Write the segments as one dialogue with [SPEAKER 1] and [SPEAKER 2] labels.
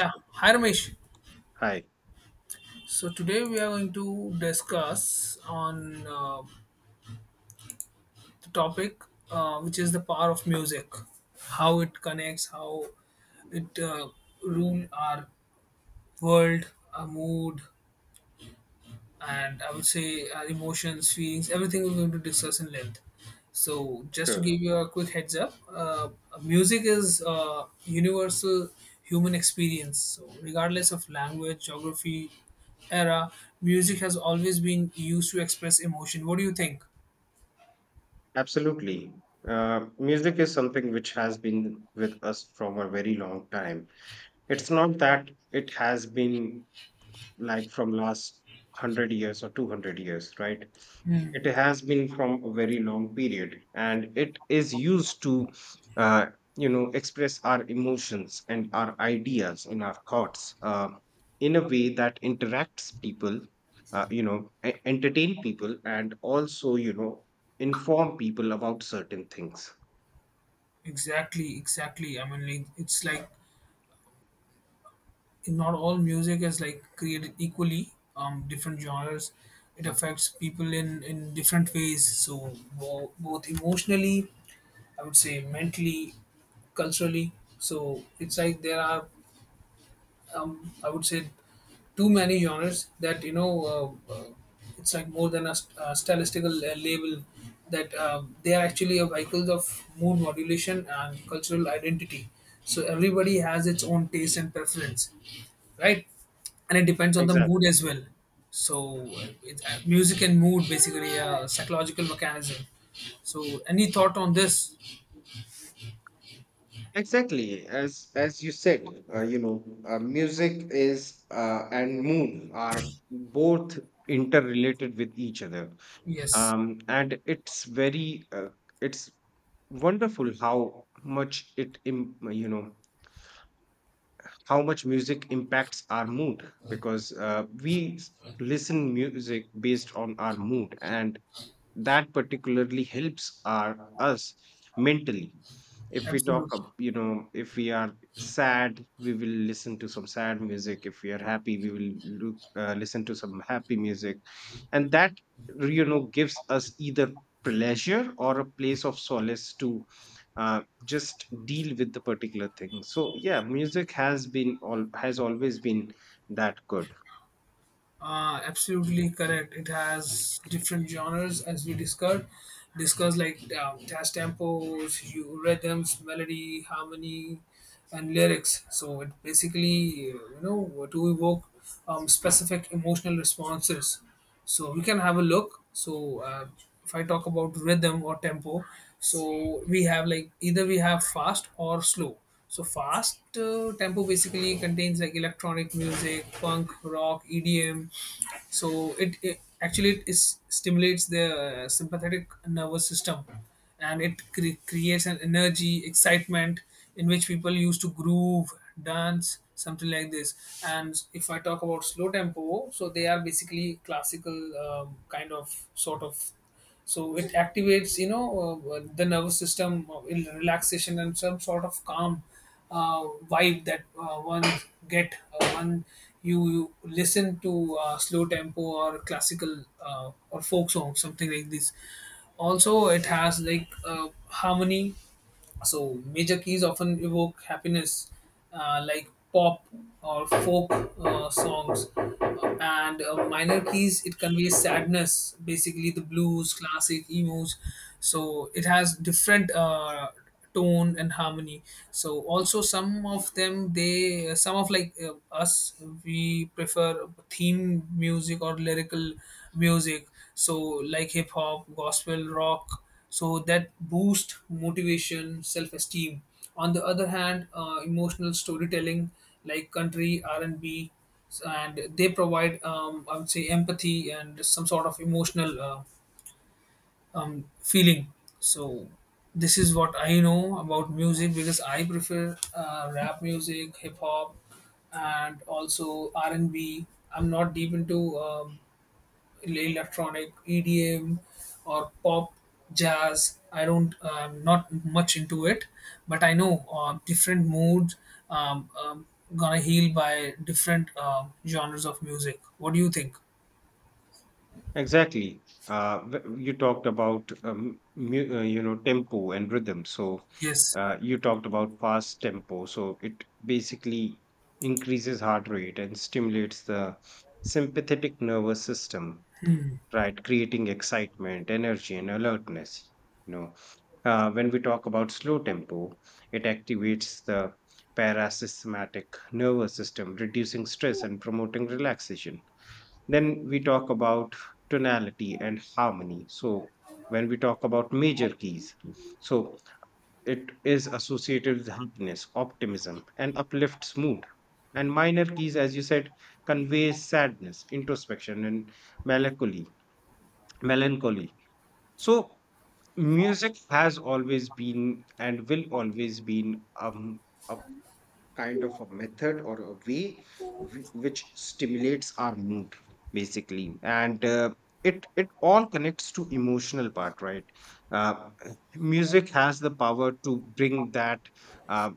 [SPEAKER 1] Yeah, hi Ramesh.
[SPEAKER 2] Hi.
[SPEAKER 1] So today we are going to discuss on the topic, which is the power of music, how it connects, how it rule our world, our mood, and I would say our emotions, feelings, everything we're going to discuss in length. So, just to
[SPEAKER 2] Sure.
[SPEAKER 1] give you a quick heads up, music is a universal human experience. So, regardless of language, geography, era, music has always been used to express emotion. What do you think?
[SPEAKER 2] Absolutely. Music is something which has been with us from a very long time. It's not that it has been like from last 100 years or 200 years, it has been from a very long period, and it is used to uh, express our emotions and our ideas and our thoughts, in a way that interacts people, entertain people, and also inform people about certain things.
[SPEAKER 1] Exactly, exactly. I mean, like, it's like not all music is like created equally. Different genres, it affects people in different ways. So both emotionally, I would say mentally, culturally. So it's like there are, I would say, too many genres, that you know. It's like more than a, stylistical label that they are actually a vehicles of mood modulation and cultural identity. So everybody has its own taste and preference, right? And it depends on the mood
[SPEAKER 2] Exactly.
[SPEAKER 1] as well. So it's, music and mood basically a psychological mechanism. So any thought on this?
[SPEAKER 2] Exactly, as you said, music is, and mood are both interrelated with each other,
[SPEAKER 1] Yes.
[SPEAKER 2] and it's very it's wonderful how much it im- you know how much music impacts our mood, because we listen music based on our mood, and that particularly helps our us mentally. If we talk
[SPEAKER 1] Absolutely.
[SPEAKER 2] if we are sad we will listen to some sad music, if we are happy we will look listen to some happy music, and that gives us either pleasure or a place of solace to just deal with the particular thing. So yeah, music has been all has always been that good.
[SPEAKER 1] Absolutely correct. It has different genres as we discussed. Discuss like jazz tempos, you rhythms, melody, harmony, and lyrics. So it basically, you know, to evoke specific emotional responses. So we can have a look. So if I talk about rhythm or tempo, so we have like either we have fast or slow. So fast tempo basically contains like electronic music, punk rock, EDM. So it actually it stimulates the sympathetic nervous system, and it creates an energy excitement in which people used to groove, dance, something like this. And if I talk about slow tempo, so they are basically classical, kind of sort of. So it activates, you know, the nervous system, in relaxation and some sort of calm uh, vibe that one get when you listen to slow tempo or classical or folk songs, something like this. Also, it has like harmony. So major keys often evoke happiness, like pop or folk songs, and minor keys, it conveys sadness, basically the blues, classic, emos. So it has different tone and harmony. So also some of them, they some of like us, we prefer theme music or lyrical music. So like hip hop, gospel, rock, so that boost motivation, self-esteem. On the other hand, emotional storytelling like country r&b and B, and they provide, I would say, empathy and some sort of emotional feeling. So this is what I know about music, because I prefer rap music, hip-hop, and also r&b. I'm not deep into electronic, EDM, or pop, jazz. I don't, not much into it, but I know different moods um, um, gonna heal by different genres of music. What do you think?
[SPEAKER 2] Exactly. You talked about tempo and rhythm. So
[SPEAKER 1] Yes.
[SPEAKER 2] you talked about fast tempo. So it basically increases heart rate and stimulates the sympathetic nervous system, right? Creating excitement, energy and alertness. you know when we talk about slow tempo, it activates the parasympathetic nervous system, reducing stress and promoting relaxation. Then we talk about tonality and harmony. So when we talk about major keys, so it is associated with happiness, optimism and uplifts mood. And minor keys, as you said, conveys sadness, introspection and melancholy melancholy. So music has always been and will always been, a kind of a method or a way which stimulates our mood basically. And it all connects to emotional part, right? uh, Music has the power to bring that, uh,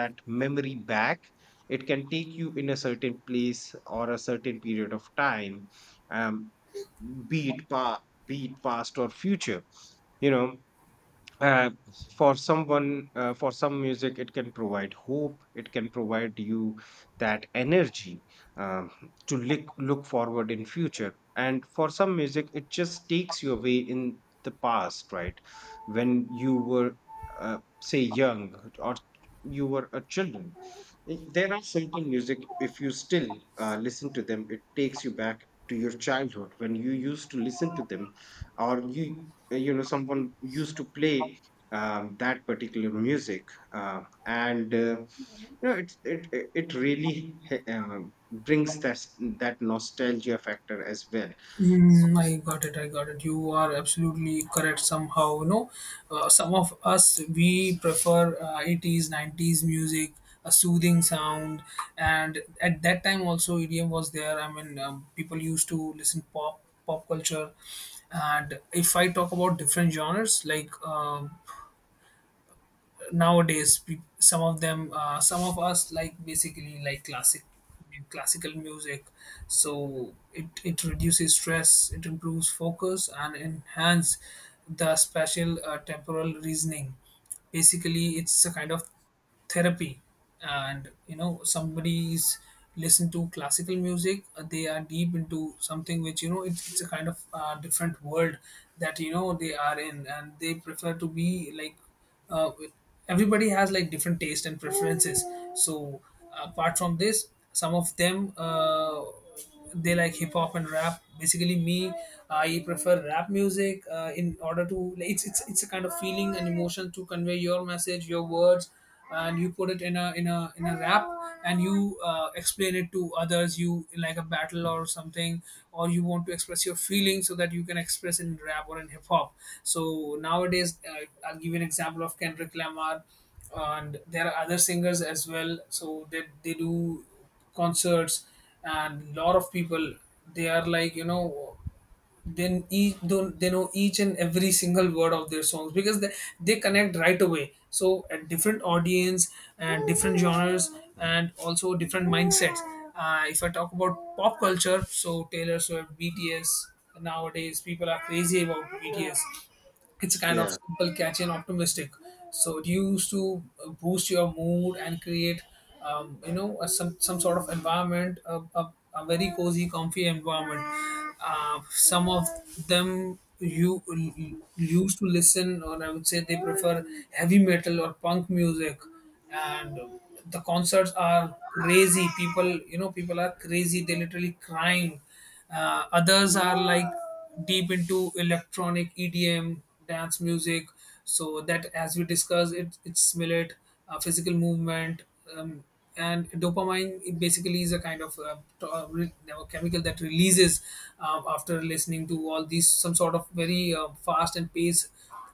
[SPEAKER 2] that memory back. It can take you in a certain place or a certain period of time. um, be it pa- be it past or future. you know uh, for someone, for some music it can provide hope, it can provide you that energy, um, to look forward in future. And for some music it just takes you away in the past, right? When you were, say, young, or you were a children. There are certain music, if you still listen to them, it takes you back to your childhood when you used to listen to them. Or you know, someone used to play, that particular music, and it's it really brings that that nostalgia factor as well.
[SPEAKER 1] Mm, I got it. I got it. You are absolutely correct. Somehow, you know, some of us we prefer 80s, 90s music, a soothing sound, and at that time also EDM was there. I mean, people used to listen pop culture. And if I talk about different genres like nowadays, some of them, some of us, like basically like classical music. So it reduces stress, it improves focus, and enhance the spatial temporal reasoning. Basically it's a kind of therapy. And you know somebody is listen to classical music, they are deep into something which, you know, it's a kind of different world that, you know, they are in, and they prefer to be like. uh, Everybody has like different taste and preferences. So apart from this, some of them they like hip hop and rap. Basically, me, I prefer rap music in order to. Like, it's it's a kind of feeling and emotion to convey your message, your words, and you put it in a rap, and you explain it to others. You like a battle or something, or you want to express your feelings so that you can express in rap or in hip hop. So nowadays, I'll give you an example of Kendrick Lamar, and there are other singers as well. So they do concerts, and lot of people, they are like, you know, then each don't they know each and every single word of their songs, because they connect right away. So at different audience and different genres and also different mindsets. If I talk about pop culture, so Taylor Swift, BTS. Nowadays people are crazy about BTS. It's kind of
[SPEAKER 2] Yeah.
[SPEAKER 1] simple, catchy, and optimistic. So it used to boost your mood and create, you know, a, some sort of environment, a very cozy, comfy environment. Some of them, you used to listen, or I would say they prefer heavy metal or punk music, and the concerts are crazy. People, you know, people are crazy. They literally crying. Others are like deep into electronic EDM, dance music. So that, as we discussed, it stimulates physical movement. Um, and dopamine, it basically is a kind of chemical that releases after listening to all these, some sort of very fast and paced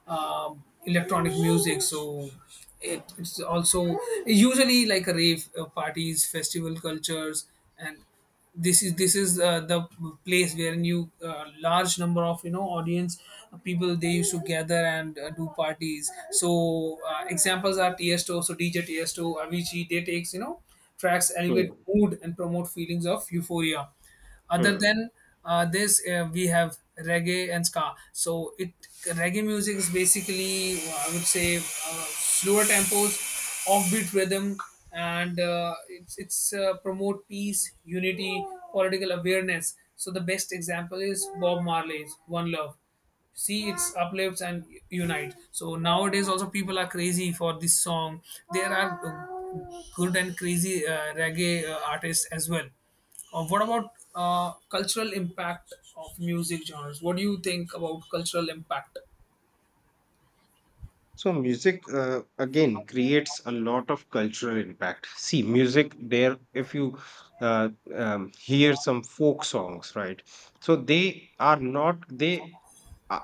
[SPEAKER 1] electronic music. So it's also usually like a rave parties, festival cultures, and this is the place where new large number of, you know, audience people, they used to gather and do parties. So examples are Tiesto, so DJ Tiesto, Avicii. They takes, you know, tracks elevate
[SPEAKER 2] Hmm.
[SPEAKER 1] mood and promote feelings of euphoria. Other
[SPEAKER 2] Hmm.
[SPEAKER 1] than this, we have reggae and ska. So it, reggae music is basically, I would say, slower tempos, offbeat rhythm, and it's promote peace, unity, political awareness. So the best example is Bob Marley's "One Love." See, it's uplifts and unite. So nowadays also people are crazy for this song. There are good and crazy reggae artists as well. What about cultural impact of music genres? What do you think about cultural impact?
[SPEAKER 2] So music, again, creates a lot of cultural impact. See, music there, if you, uh, hear some folk songs, right? So they are not they. Uh,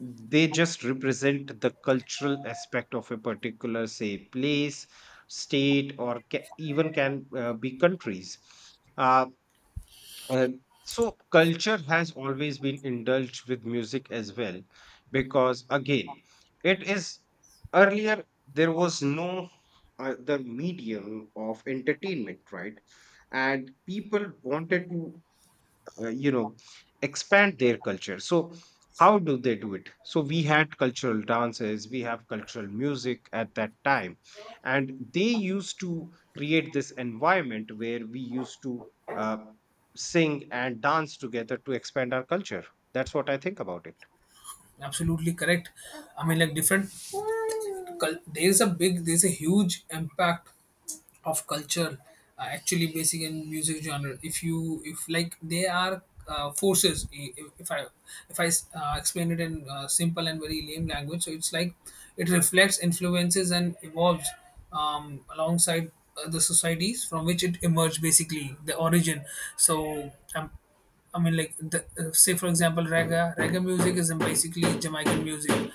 [SPEAKER 2] they just represent the cultural aspect of a particular, say, place, state, or even can, be countries. uh, uh, so culture has always been indulged with music as well, because, again, it is, earlier there was no other medium of entertainment, right? And people wanted to, uh, you know expand their culture. So how do they do it? So we had cultural dances, we have cultural music at that time. And they used to create this environment where we used to, uh, sing and dance together to expand our culture. That's what I think about it.
[SPEAKER 1] Absolutely correct. I mean, like different there is a big, there's a huge impact of culture. Actually basic in music genre, if you if like they are forces, if I explain it in simple and very lame language, so it's like it reflects, influences, and evolves alongside the societies from which it emerged, basically the origin. So I mean, like the, say for example, reggae. Reggae music is basically Jamaican music.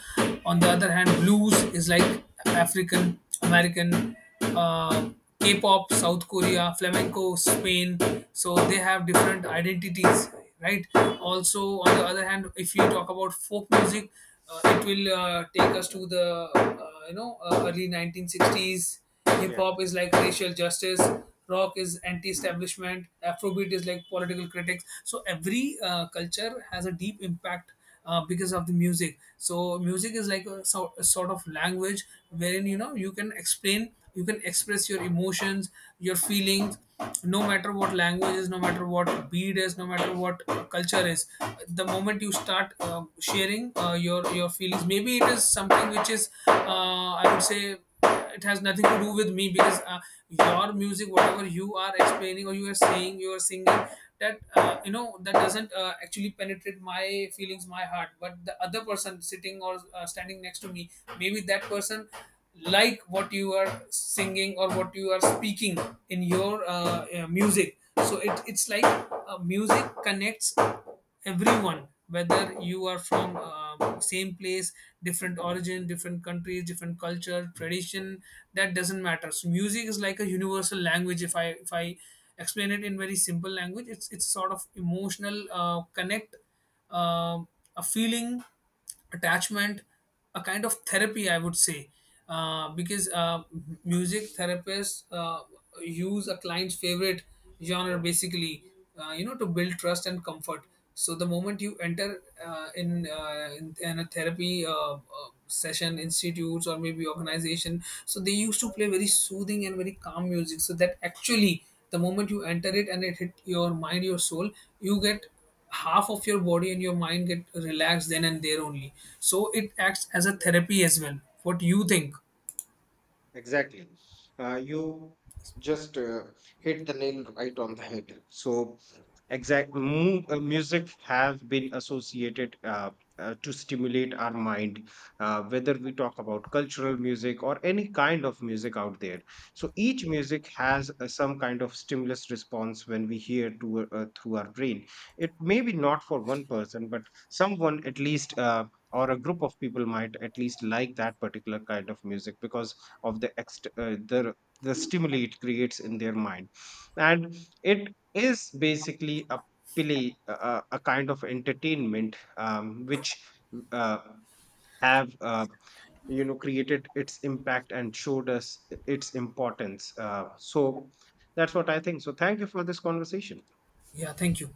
[SPEAKER 1] On the other hand, blues is like African American, K-pop, South Korea, flamenco, Spain. So they have different identities, right? Also, on the other hand, if you talk about folk music, it will take us to the, you know, early 1960s. Hip
[SPEAKER 2] Yeah.
[SPEAKER 1] hop is like racial justice. Rock is anti-establishment. Afrobeat is like political critics. So every culture has a deep impact because of the music. So music is like a, so, a sort of language wherein, you know, you can explain, you can express your emotions, your feelings, no matter what language is, no matter what beat is, no matter what culture is. The moment you start sharing your feelings, maybe it is something which is, I would say, it has nothing to do with me, because your music, whatever you are explaining or you are saying you are singing, that you know, that doesn't actually penetrate my feelings, my heart, but the other person sitting or standing next to me, maybe that person like what you are singing or what you are speaking in your music. So it's like music connects everyone, whether you are from same place, different origin, different countries, different culture, tradition. That doesn't matter. So music is like a universal language, if I explain it in very simple language. It's sort of emotional connect, um a feeling, attachment, a kind of therapy, I would say, because music therapists use a client's favorite genre, basically, you know, to build trust and comfort. So the moment you enter in a therapy session, institutes or maybe organization, so they used to play very soothing and very calm music. So that actually, the moment you enter it and it hit your mind, your soul, you get half of your body and your mind get relaxed then and there only. So it acts as a therapy as well. What do you think?
[SPEAKER 2] Exactly. You just hit the nail right on the head. So exact music has been associated, to stimulate our mind, whether we talk about cultural music or any kind of music out there. So each music has, some kind of stimulus response when we hear to, through our brain. It may be not for one person, but someone at least. Or a group of people might at least like that particular kind of music because of the the stimuli it creates in their mind. And it is basically a a kind of entertainment, which, uh, have, created its impact and showed us its importance. So that's what I think. So thank you for this conversation.
[SPEAKER 1] Yeah, thank you.